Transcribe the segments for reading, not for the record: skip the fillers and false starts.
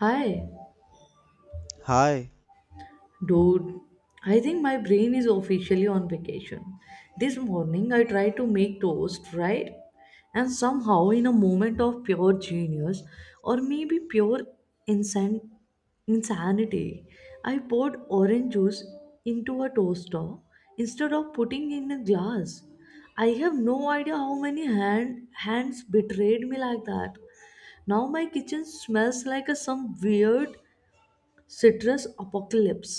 Hi, Hi. dude. I think my brain is officially on vacation. This morning I tried to make toast, right? And somehow, in a moment of pure genius, or maybe pure insan- insanity, I poured orange juice into a toaster instead of putting in a glass. I have no idea how many hands betrayed me like that. Now my kitchen smells like some weird citrus apocalypse,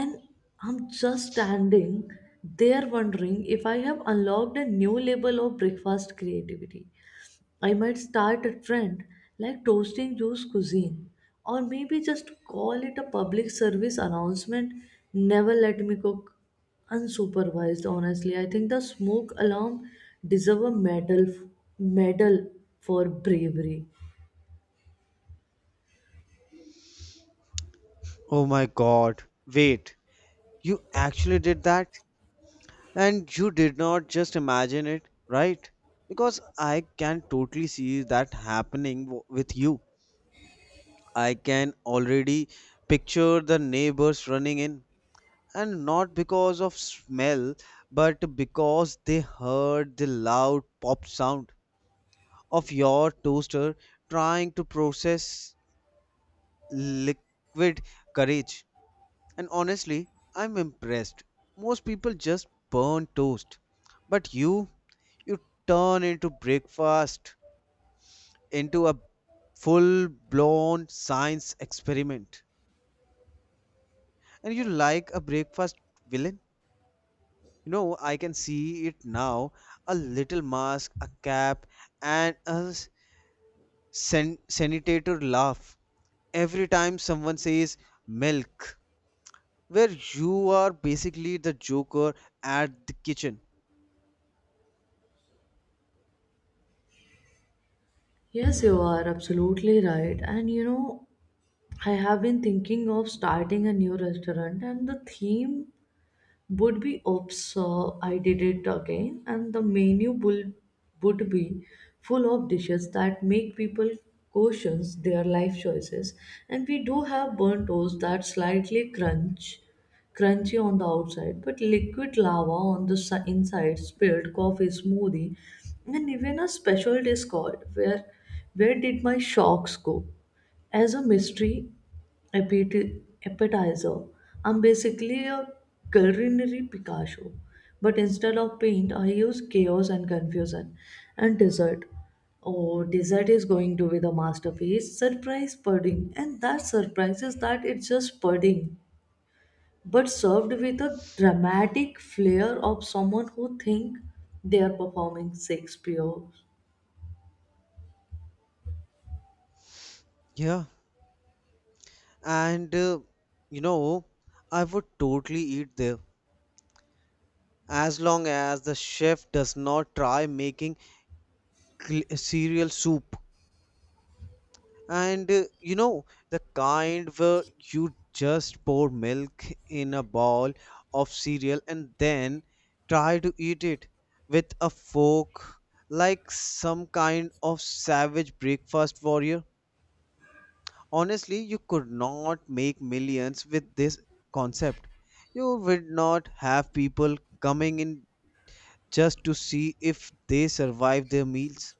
and I'm just standing there wondering if I have unlocked a new level of breakfast creativity. I might start a trend like toasting juice cuisine, or maybe just call it a public service announcement. Never let me cook unsupervised. Honestly, I think the smoke alarm deserve a medal for bravery. Oh my god. Wait, you actually did that? And you did not just imagine it, right? Because I can totally see that happening with you. I can already picture the neighbors running in, and not because of smell, but because they heard the loud pop sound of your toaster trying to process liquid courage. And honestly, I'm impressed. Most people just burn toast. But you turn into breakfast, into a full blown science experiment. And you like a breakfast villain? You know, I can see it now. A little mask, a cap, and a sanitator laugh. Every time someone says milk, where you are basically the joker at the kitchen. Yes, you are absolutely right. And you know, I have been thinking of starting a new restaurant, and the theme would be Oops, so I did it again, and the menu would be full of dishes that make people question their life choices. And we do have burnt toast that crunchy on the outside, but liquid lava on the inside, spilled coffee smoothie, and even a special dish called where did my shocks go, as a mystery appetizer. I'm basically a culinary Picasso, but instead of paint, I use chaos and confusion and dessert. Oh, dessert is going to be the masterpiece surprise pudding, and that surprise is that it's just pudding, but served with a dramatic flair of someone who think they are performing Shakespeare. Yeah, and you know, I would totally eat there as long as the chef does not try making cereal soup. And you know, the kind where you just pour milk in a bowl of cereal and then try to eat it with a fork like some kind of savage breakfast warrior. Honestly, you could not make millions with this concept. You would not have people coming in just to see if they survive their meals.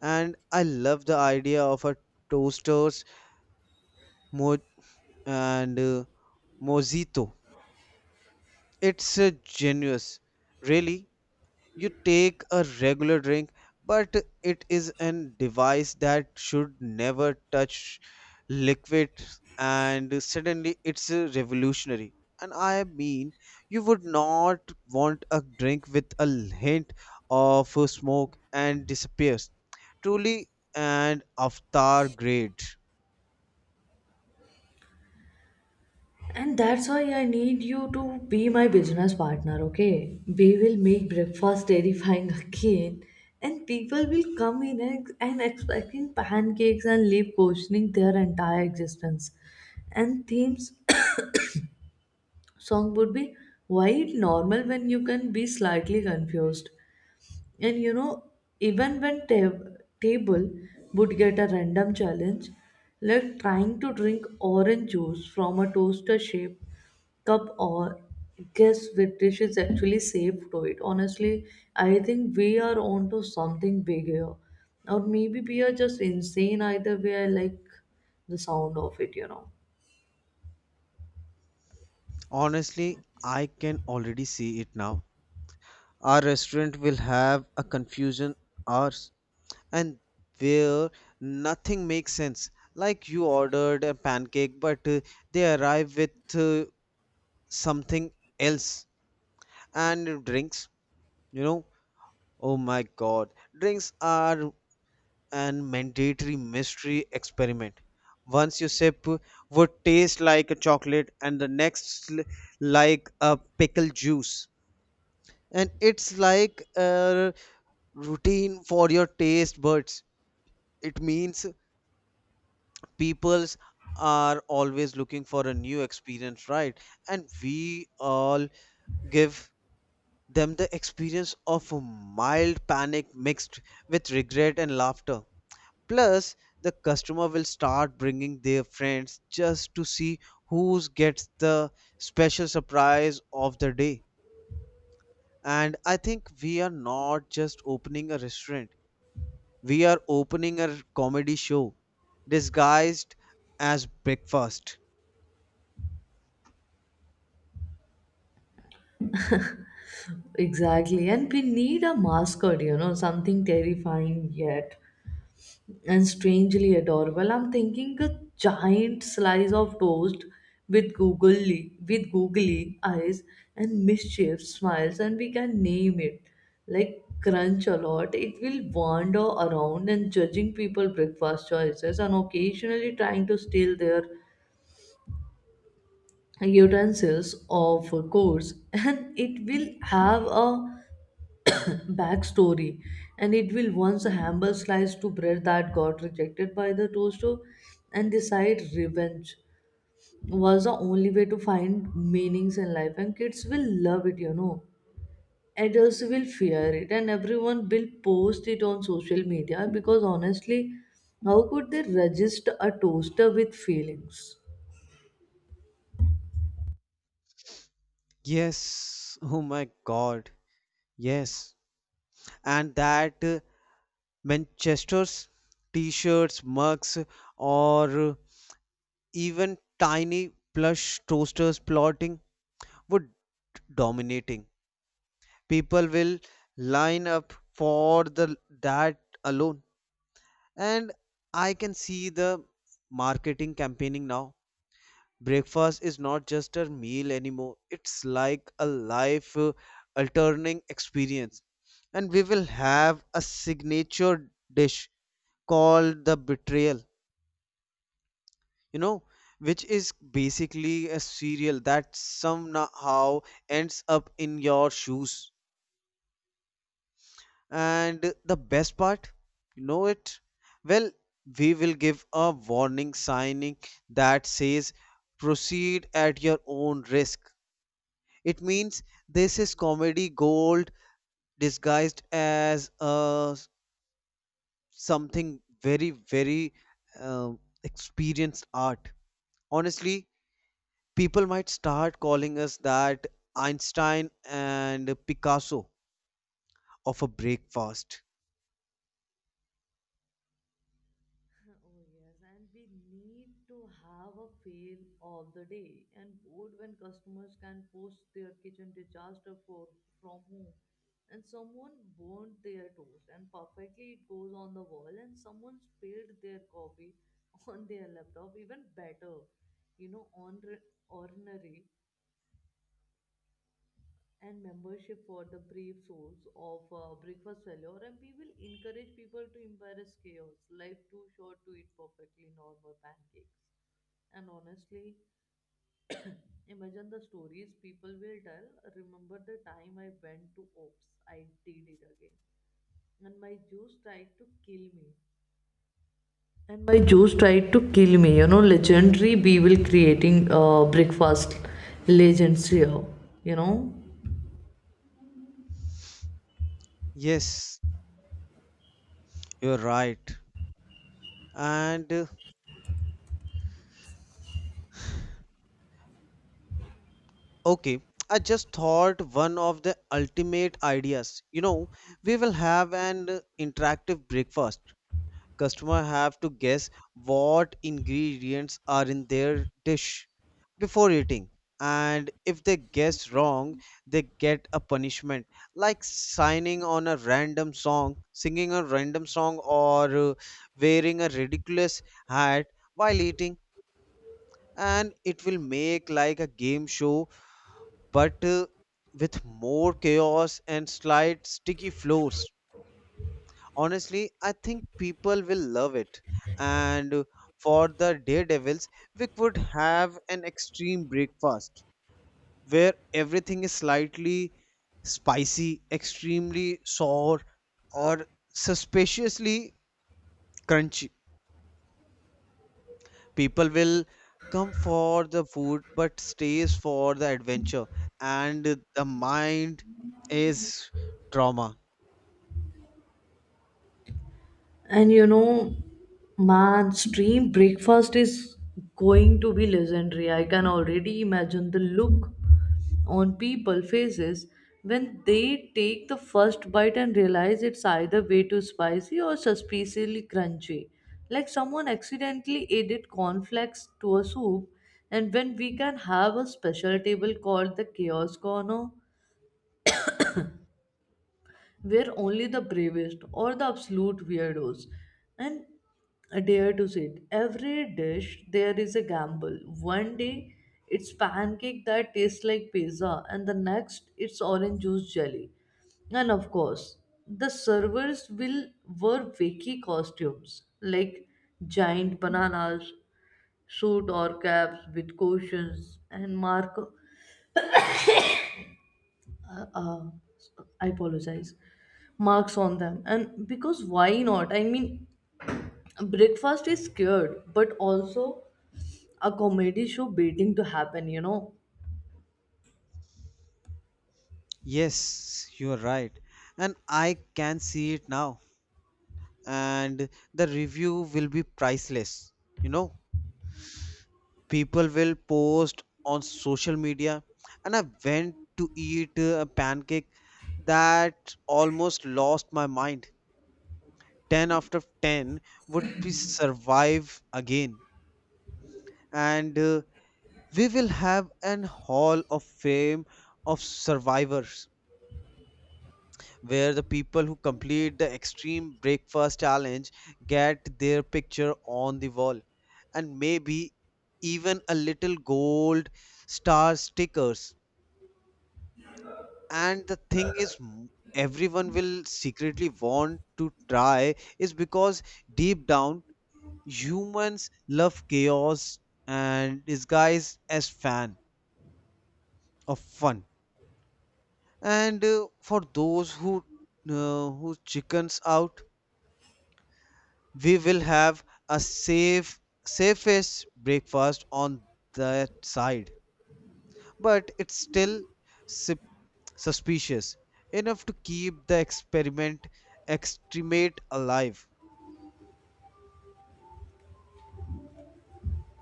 And I love the idea of a toasters mo- and mojito. It's genius, really. You take a regular drink, but it is an device that should never touch liquid, and suddenly it's a revolutionary. And I mean, you would not want a drink with a hint of smoke and disappears. Truly an avatar grade. And that's why I need you to be my business partner, okay? We will make breakfast terrifying again, and people will come in ex- and expecting pancakes and leave questioning their entire existence. And themes song would be why it normal when you can be slightly confused. And you know, even when table would get a random challenge, like trying to drink orange juice from a toaster shape cup, or guess which dish is actually safe to it. Honestly, I think we are onto something big here. Or maybe we are just insane either way. I like the sound of it, you know. Honestly, I can already see it now. Our restaurant will have a confusion hour and where nothing makes sense. Like you ordered a pancake, but they arrive with something else and drinks. You know, oh my god, drinks are an mandatory mystery experiment. Once you sip, would taste like a chocolate, and the next like a pickle juice. And it's like a routine for your taste buds. It means peoples are always looking for a new experience, right, and we all give them the experience of a mild panic mixed with regret and laughter, plus the customer will start bringing their friends just to see who gets the special surprise of the day. And I think we are not just opening a restaurant, we are opening a comedy show disguised as breakfast. Exactly. And we need a mascot, you know, something terrifying yet and strangely adorable. I'm thinking a giant slice of toast with googly eyes and mischief smiles, and we can name it like crunch a lot. It will wander around and judging people breakfast choices and occasionally trying to steal their utensils, of course. And it will have a backstory, and it will once a hamburger slice to bread that got rejected by the toaster and decide revenge was the only way to find meanings in life. And kids will love it, you know, adults will fear it, and everyone will post it on social media because honestly, how could they register a toaster with feelings? Yes, oh my God, yes. And that Manchester's t-shirts, mugs, or even tiny plush toasters plotting would dominating. People will line up for the that alone. And I can see the marketing campaigning now. Breakfast is not just a meal anymore, it's like a life altering experience, and we will have a signature dish called the betrayal, you know, which is basically a cereal that somehow ends up in your shoes. And the best part, you know it, well, we will give a warning signing that says proceed at your own risk. It means this is comedy gold disguised as something very, very uh, experienced art. Honestly, people might start calling us that Einstein and Picasso of a breakfast. Oh, yes, and we need to have a feel of the day and board when customers can post their kitchen disaster for from home. And someone burnt their toast and perfectly it goes on the wall, and someone spilled their coffee on their laptop, even better, you know, on ordinary and membership for the brief souls of breakfast failure. And we will encourage people to embrace chaos. Life too short to eat perfectly normal pancakes. And honestly, imagine the stories people will tell. Remember the time I went to ops I did it again, and my juice tried to kill me and my juice tried to kill me, you know, legendary. We will creating breakfast legends here, you know. Yes, you're right. And okay, I just thought one of the ultimate ideas. You know, we will have an interactive breakfast. Customer have to guess what ingredients are in their dish before eating, and if they guess wrong they get a punishment, like signing on a random song, singing a random song, or wearing a ridiculous hat while eating. And it will make like a game show, but with more chaos and slight sticky floors. Honestly, I think people will love it. And for the daredevils, we could have an extreme breakfast where everything is slightly spicy, extremely sour, or suspiciously crunchy. People will come for the food but stays for the adventure, and the mind is trauma. And you know, man's dream breakfast is going to be legendary. I can already imagine the look on people faces when they take the first bite and realize it's either way too spicy or suspiciously crunchy. Like someone accidentally added cornflakes to a soup, and when we can have a special table called the chaos corner where only the bravest or the absolute weirdos and dare to sit. Every dish there is a gamble. One day it's pancake that tastes like pizza, and the next it's orange juice jelly. And of course, the servers will wear wacky costumes like giant bananas, suit or caps with cushions and mark uh, uh, I apologize, marks on them. And because why not? I mean, breakfast is scared, but also a comedy show waiting to happen, you know. Yes, you're right. And I can see it now. And the review will be priceless, you know. People will post on social media, and I went to eat a pancake that almost lost my mind. 10 after 10 would be survive again. And we will have an hall of fame of survivors where the people who complete the extreme breakfast challenge get their picture on the wall, and maybe even a little gold star stickers. And the thing is, everyone will secretly want to try, is because deep down humans love chaos and disguise as fan of fun. And for those who chickens out, we will have a safest breakfast on that side, but it's still sup- suspicious enough to keep the experiment extremate alive.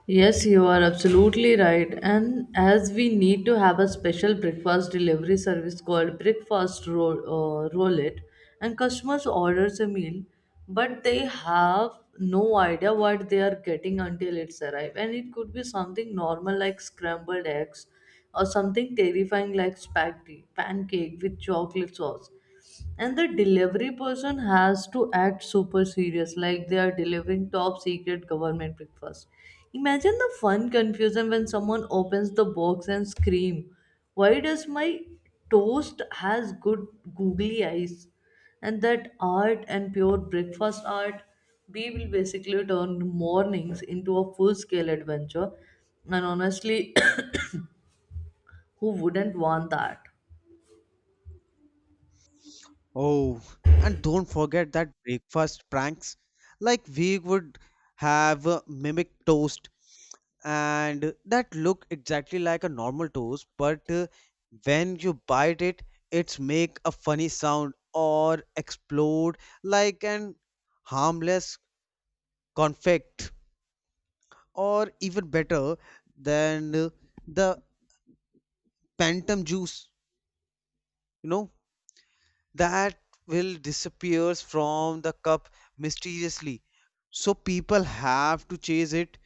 Yes, you are absolutely right. And as we need to have a special breakfast delivery service called Breakfast Roll-It, and customers orders a meal, but they have no idea what they are getting until it's arrived. And it could be something normal like scrambled eggs, or something terrifying like spaghetti, pancake with chocolate sauce. And the delivery person has to act super serious like they are delivering top secret government breakfast. Imagine the fun confusion when someone opens the box and scream, why does my toast has good googly eyes? And that art and pure breakfast art. We will basically turn mornings into a full scale adventure. And honestly, who wouldn't want that? Oh, and don't forget that breakfast pranks, like we would have mimic toast, and that look exactly like a normal toast but when you bite it, it's make a funny sound or explode like an harmless confect. Or even better than the phantom juice, you know, that will disappears from the cup mysteriously, so people have to chase it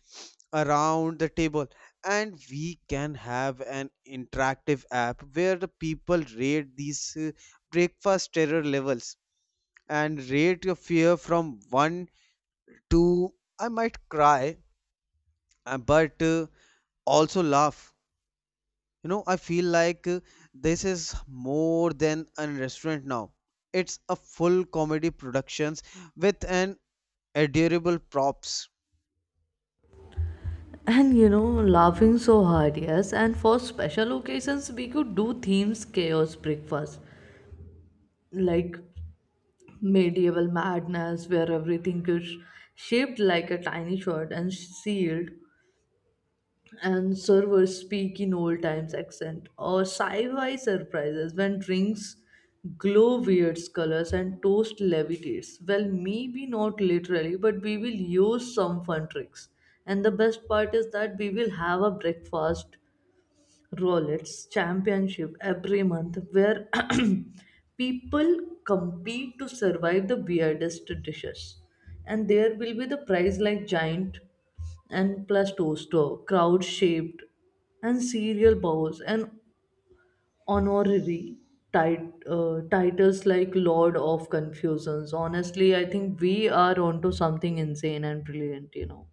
around the table. And we can have an interactive app where the people rate these breakfast terror levels, and rate your fear from 1 to I might cry, but also laugh, you know. I feel like this is more than a restaurant now. It's a full comedy productions with an adorable props. And you know, laughing so hard, yes. And for special occasions, we could do themes chaos breakfast, like medieval madness, where everything is shaped like a tiny sword and sealed, and servers speak in old times accent, or sci-fi surprises when drinks glow weird colors and toast levitates. Well, maybe not literally, but we will use some fun tricks. And the best part is that we will have a breakfast Rolex championship every month where people compete to survive the weirdest dishes. And there will be the prize like giant and plus toaster, crowd shaped and cereal bowls and honorary titles like Lord of Confusions. Honestly, I think we are onto something insane and brilliant, you know.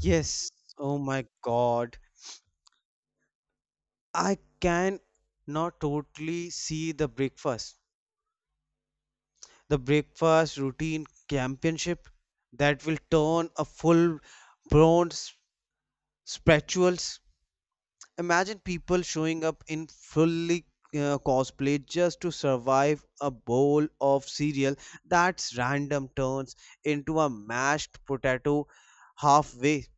Yes. Oh my God. I can not totally see the breakfast. The breakfast routine championship that will turn a full bronze spatules. Imagine people showing up in fully cosplay just to survive a bowl of cereal that's random turns into a mashed potato halfway.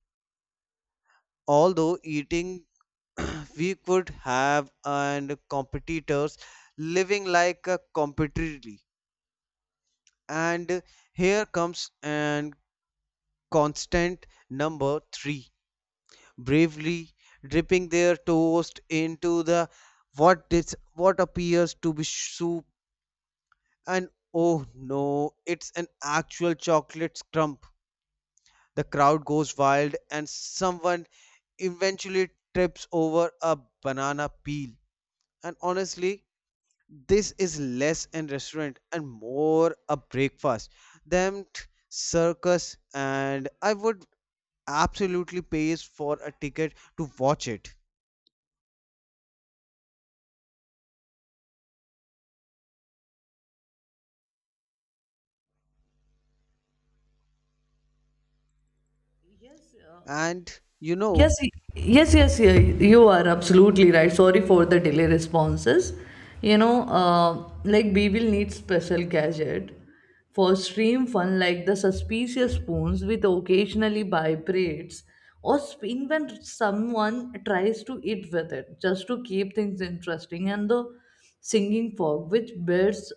Although eating, we could have and competitors living like a competitively. And here comes and constant number three bravely dipping their toast into the what dis, what appears to be soup, and oh no, it's an actual chocolate scrump. The crowd goes wild and someone eventually trips over a banana peel. And honestly, this is less an restaurant and more a breakfast than t- circus, and I would absolutely pay for a ticket to watch it. Yes, uh, And you know, Yes, y- yes, yeah, you are absolutely right. Sorry for the delay responses. You know, like we will need special gadget for stream fun, like the suspicious spoons with occasionally vibrates or spin when someone tries to eat with it, just to keep things interesting, and the singing fog which bears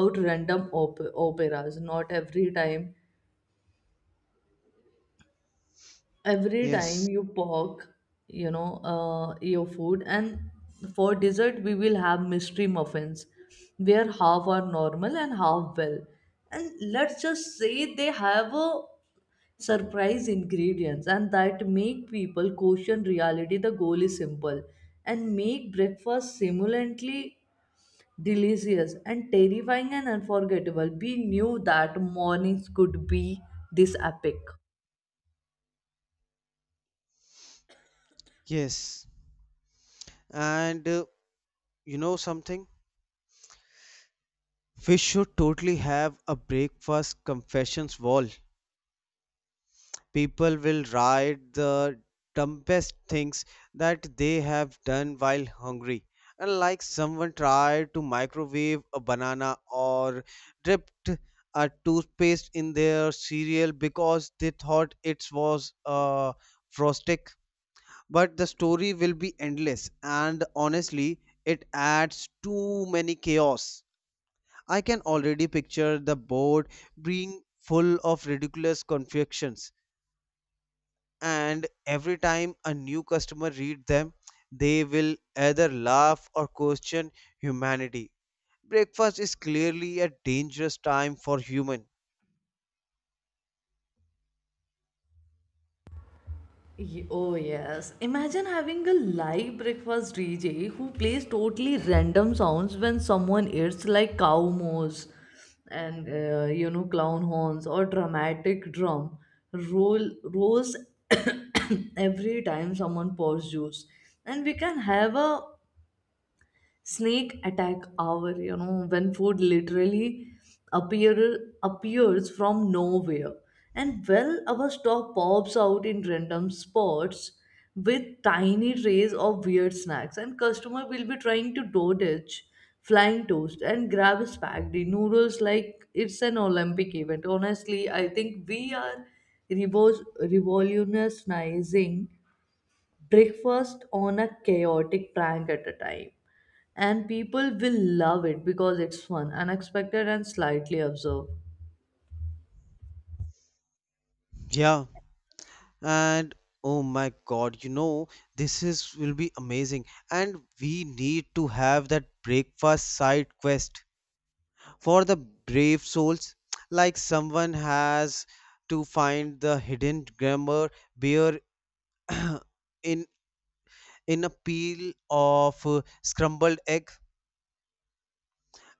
out random operas. Not every time yes, you poke, you know, your food. And for dessert we will have mystery muffins where half are normal and half well, and let's just say they have a surprise ingredients, and that make people question reality. The goal is simple, and make breakfast simultaneously delicious and terrifying and unforgettable. We knew that mornings could be this epic. yes. And you know something? We should totally have a breakfast confessions wall. People will write the dumbest things that they have done while hungry. And like someone tried to microwave a banana or dipped a toothpaste in their cereal because they thought it was a frostic. But the story will be endless, and honestly it adds too many chaos. I can already picture the board being full of ridiculous confections, and every time a new customer reads them they will either laugh or question humanity. Breakfast is clearly a dangerous time for human. Oh, yes. Imagine having a live breakfast DJ who plays totally random sounds when someone eats, like cow moose and you know, clown horns or dramatic drum rolls every time someone pours juice. And we can have a snake attack hour, you know, when food literally appears from nowhere. And well, our stock pops out in random spots with tiny trays of weird snacks, and customer will be trying to dodge flying toast and grab spaghetti noodles like it's an olympic event. Honestly, I think we are revolutionizing breakfast on a chaotic prank at a time, and people will love it because it's fun, unexpected, and slightly absurd. Yeah. And oh my god, you know, this is will be amazing. And we need to have that breakfast side quest for the brave souls. Like someone has to find the hidden grammar beer in in a peel of scrambled egg,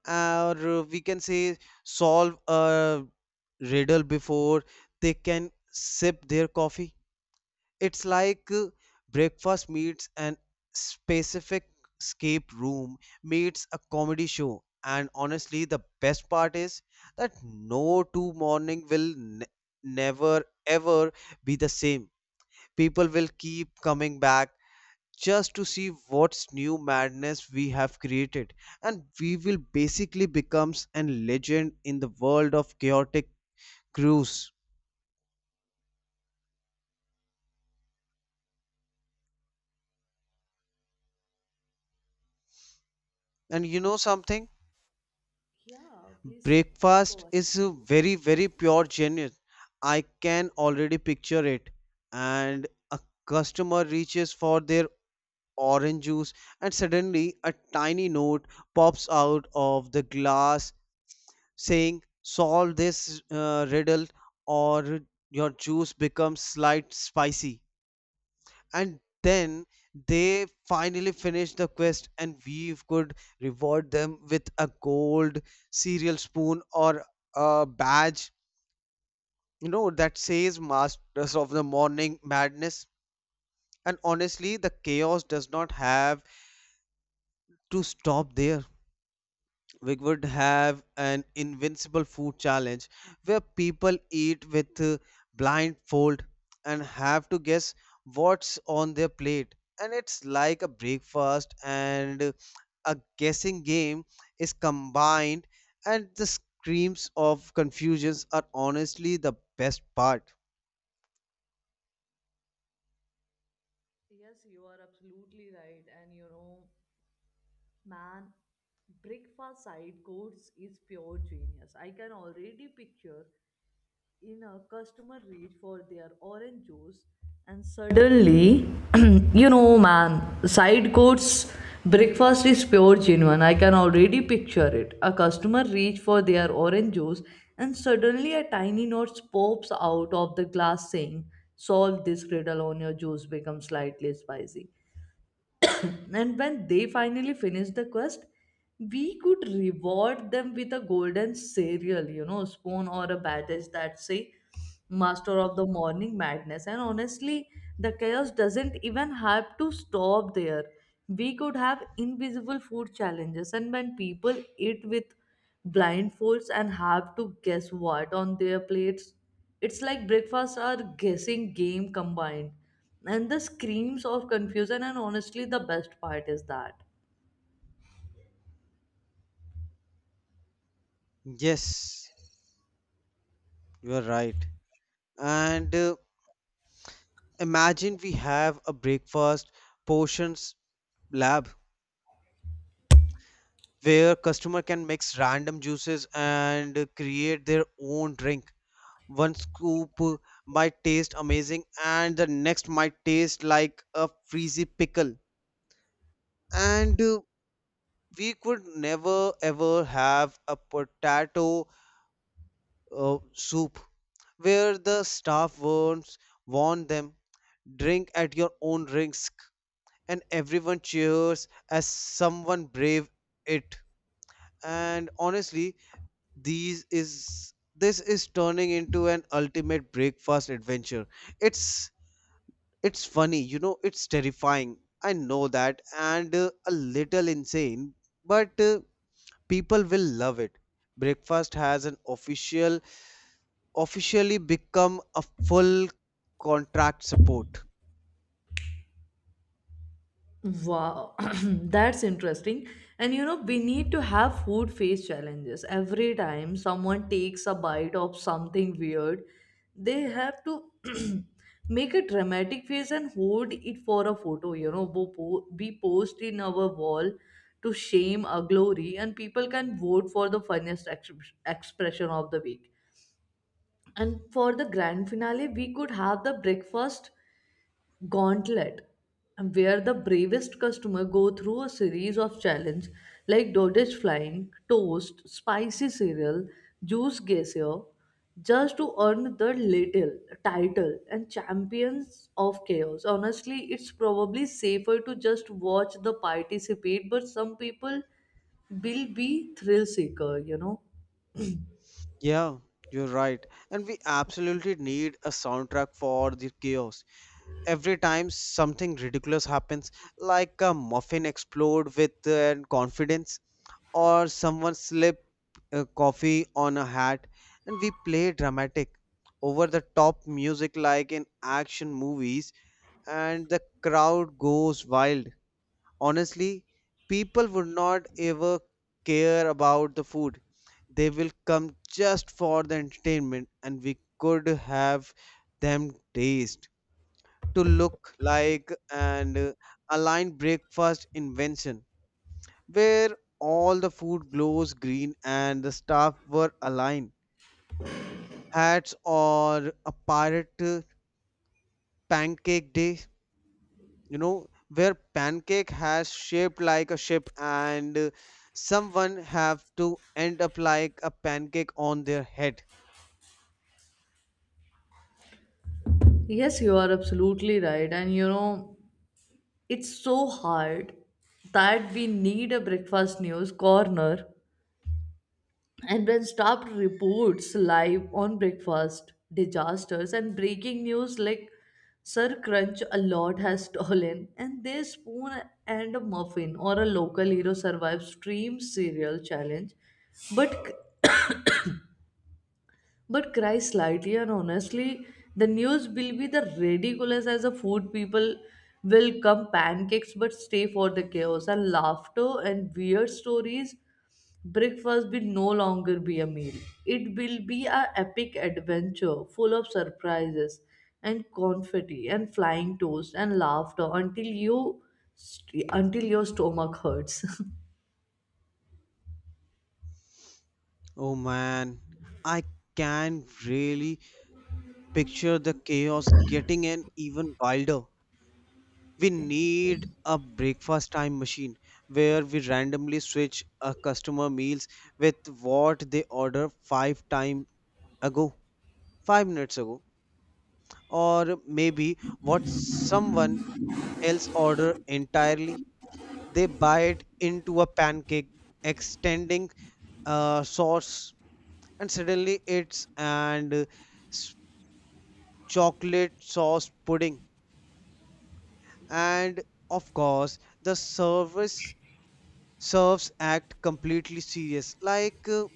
or we can say solve a riddle before they can sip their coffee. It's like breakfast meets an specific escape room meets a comedy show. And honestly, the best part is that no two morning will never ever be the same. People will keep coming back just to see what's new madness we have created, and we will basically becomes a legend in the world of chaotic cruise. And you know something, Yeah, please, please go breakfast ahead. is very, very pure genius. I can already picture it. And a customer reaches for their orange juice, and suddenly a tiny note pops out of the glass saying, solve this riddle, or your juice becomes slight spicy. And then they finally finished the quest, and we could reward them with a gold cereal spoon or a badge, you know, that says masters of the morning madness. And honestly, the chaos does not have to stop there. We would have an invincible food challenge where people eat with blindfold and have to guess what's on their plate. And it's like a breakfast and a guessing game is combined, and the screams of confusions are honestly the best part. Yes, you are absolutely right. And you know, man, breakfast side course is pure genius. I can already picture in a customer reach for their orange juice and suddenly you know man side courts breakfast is pure genuine. I can already picture it. A customer reach for their orange juice and suddenly a tiny note pops out of the glass saying, solve this riddle on your juice becomes slightly spicy. And when they finally finished the quest, we could reward them with a golden cereal, you know, spoon or a badge that say Master of the Morning Madness. And honestly, the chaos doesn't even have to stop there. We could have invisible food challenges, and when people eat with blindfolds and have to guess what on their plates, it's like breakfast or guessing game combined. And the screams of confusion, and honestly, the best part is that Yes, you are right. And imagine we have a breakfast portions lab where customer can mix random juices and create their own drink. One scoop might taste amazing and the next might taste like a frizzy pickle. And we could never ever have a potato soup where the staff warn them drink at your own risk, and everyone cheers as someone brave it. And honestly, these is this is turning into an ultimate breakfast adventure. it's it's funny, you know, it's terrifying, I know that, and a little insane, but people will love it. Breakfast has an officially become a full contract support. Wow, that's interesting. And you know, we need to have food face challenges. Every time someone takes a bite of something weird, they have to make a dramatic face and hold it for a photo. You know, we post in our wall to shame a glory, and people can vote for the funniest expression of the week. And for the grand finale, we could have the breakfast gauntlet where the bravest customer go through a series of challenge like dodge flying toast, spicy cereal, juice geyser, just to earn the little title and champions of chaos. Honestly, it's probably safer to just watch the participate, but some people will be thrill seeker, you know. Yeah, you're right, and we absolutely need a soundtrack for the chaos. Every time something ridiculous happens, like a muffin explode with confidence, or someone slip coffee on a hat, and we play dramatic, over the top music like in action movies, and the crowd goes wild. Honestly, people would not ever care about the food. They will come just for the entertainment, and we could have them taste to look like an aligned breakfast invention where all the food glows green and the staff were aligned hats, or a pirate pancake day, you know, where pancake has shaped like a ship and someone have to end up like a pancake on their head. Yes, you are absolutely right. And you know, it's so hard that we need a breakfast news corner, and when staff reports live on breakfast disasters and breaking news like sir crunch a lot has stolen and their spoon and a muffin, or a local hero survives stream cereal challenge, but but cry slightly. And honestly, the news will be the ridiculous as a food. People will come pancakes but stay for the chaos and laughter and weird stories. Breakfast will no longer be a meal. It will be a epic adventure full of surprises and confetti and flying toast and laughter until your stomach hurts. Oh man, I can really picture the chaos getting an even wilder. We need a breakfast time machine where we randomly switch a customer meals with what they ordered five time ago, 5 minutes ago, or maybe what someone else ordered entirely. They bite into a pancake extending sauce, and suddenly it's and s- chocolate sauce pudding. And of course the service serves act completely serious, like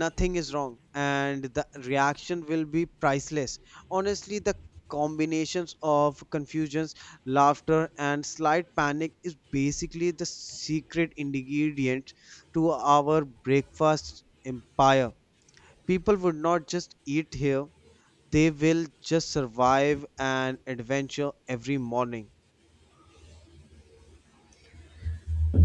nothing is wrong, and the reaction will be priceless. Honestly, the combinations of confusions, laughter and slight panic is basically the secret ingredient to our breakfast empire. People would not just eat here, they will just survive an adventure every morning.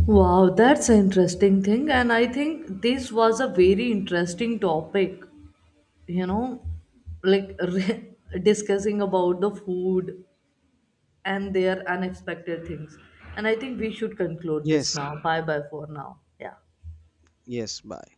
Wow, that's an interesting thing, and I think this was a very interesting topic, you know, like discussing about the food and their unexpected things. And I think we should conclude this Yes, now. Bye bye for now. Yeah. yes, bye.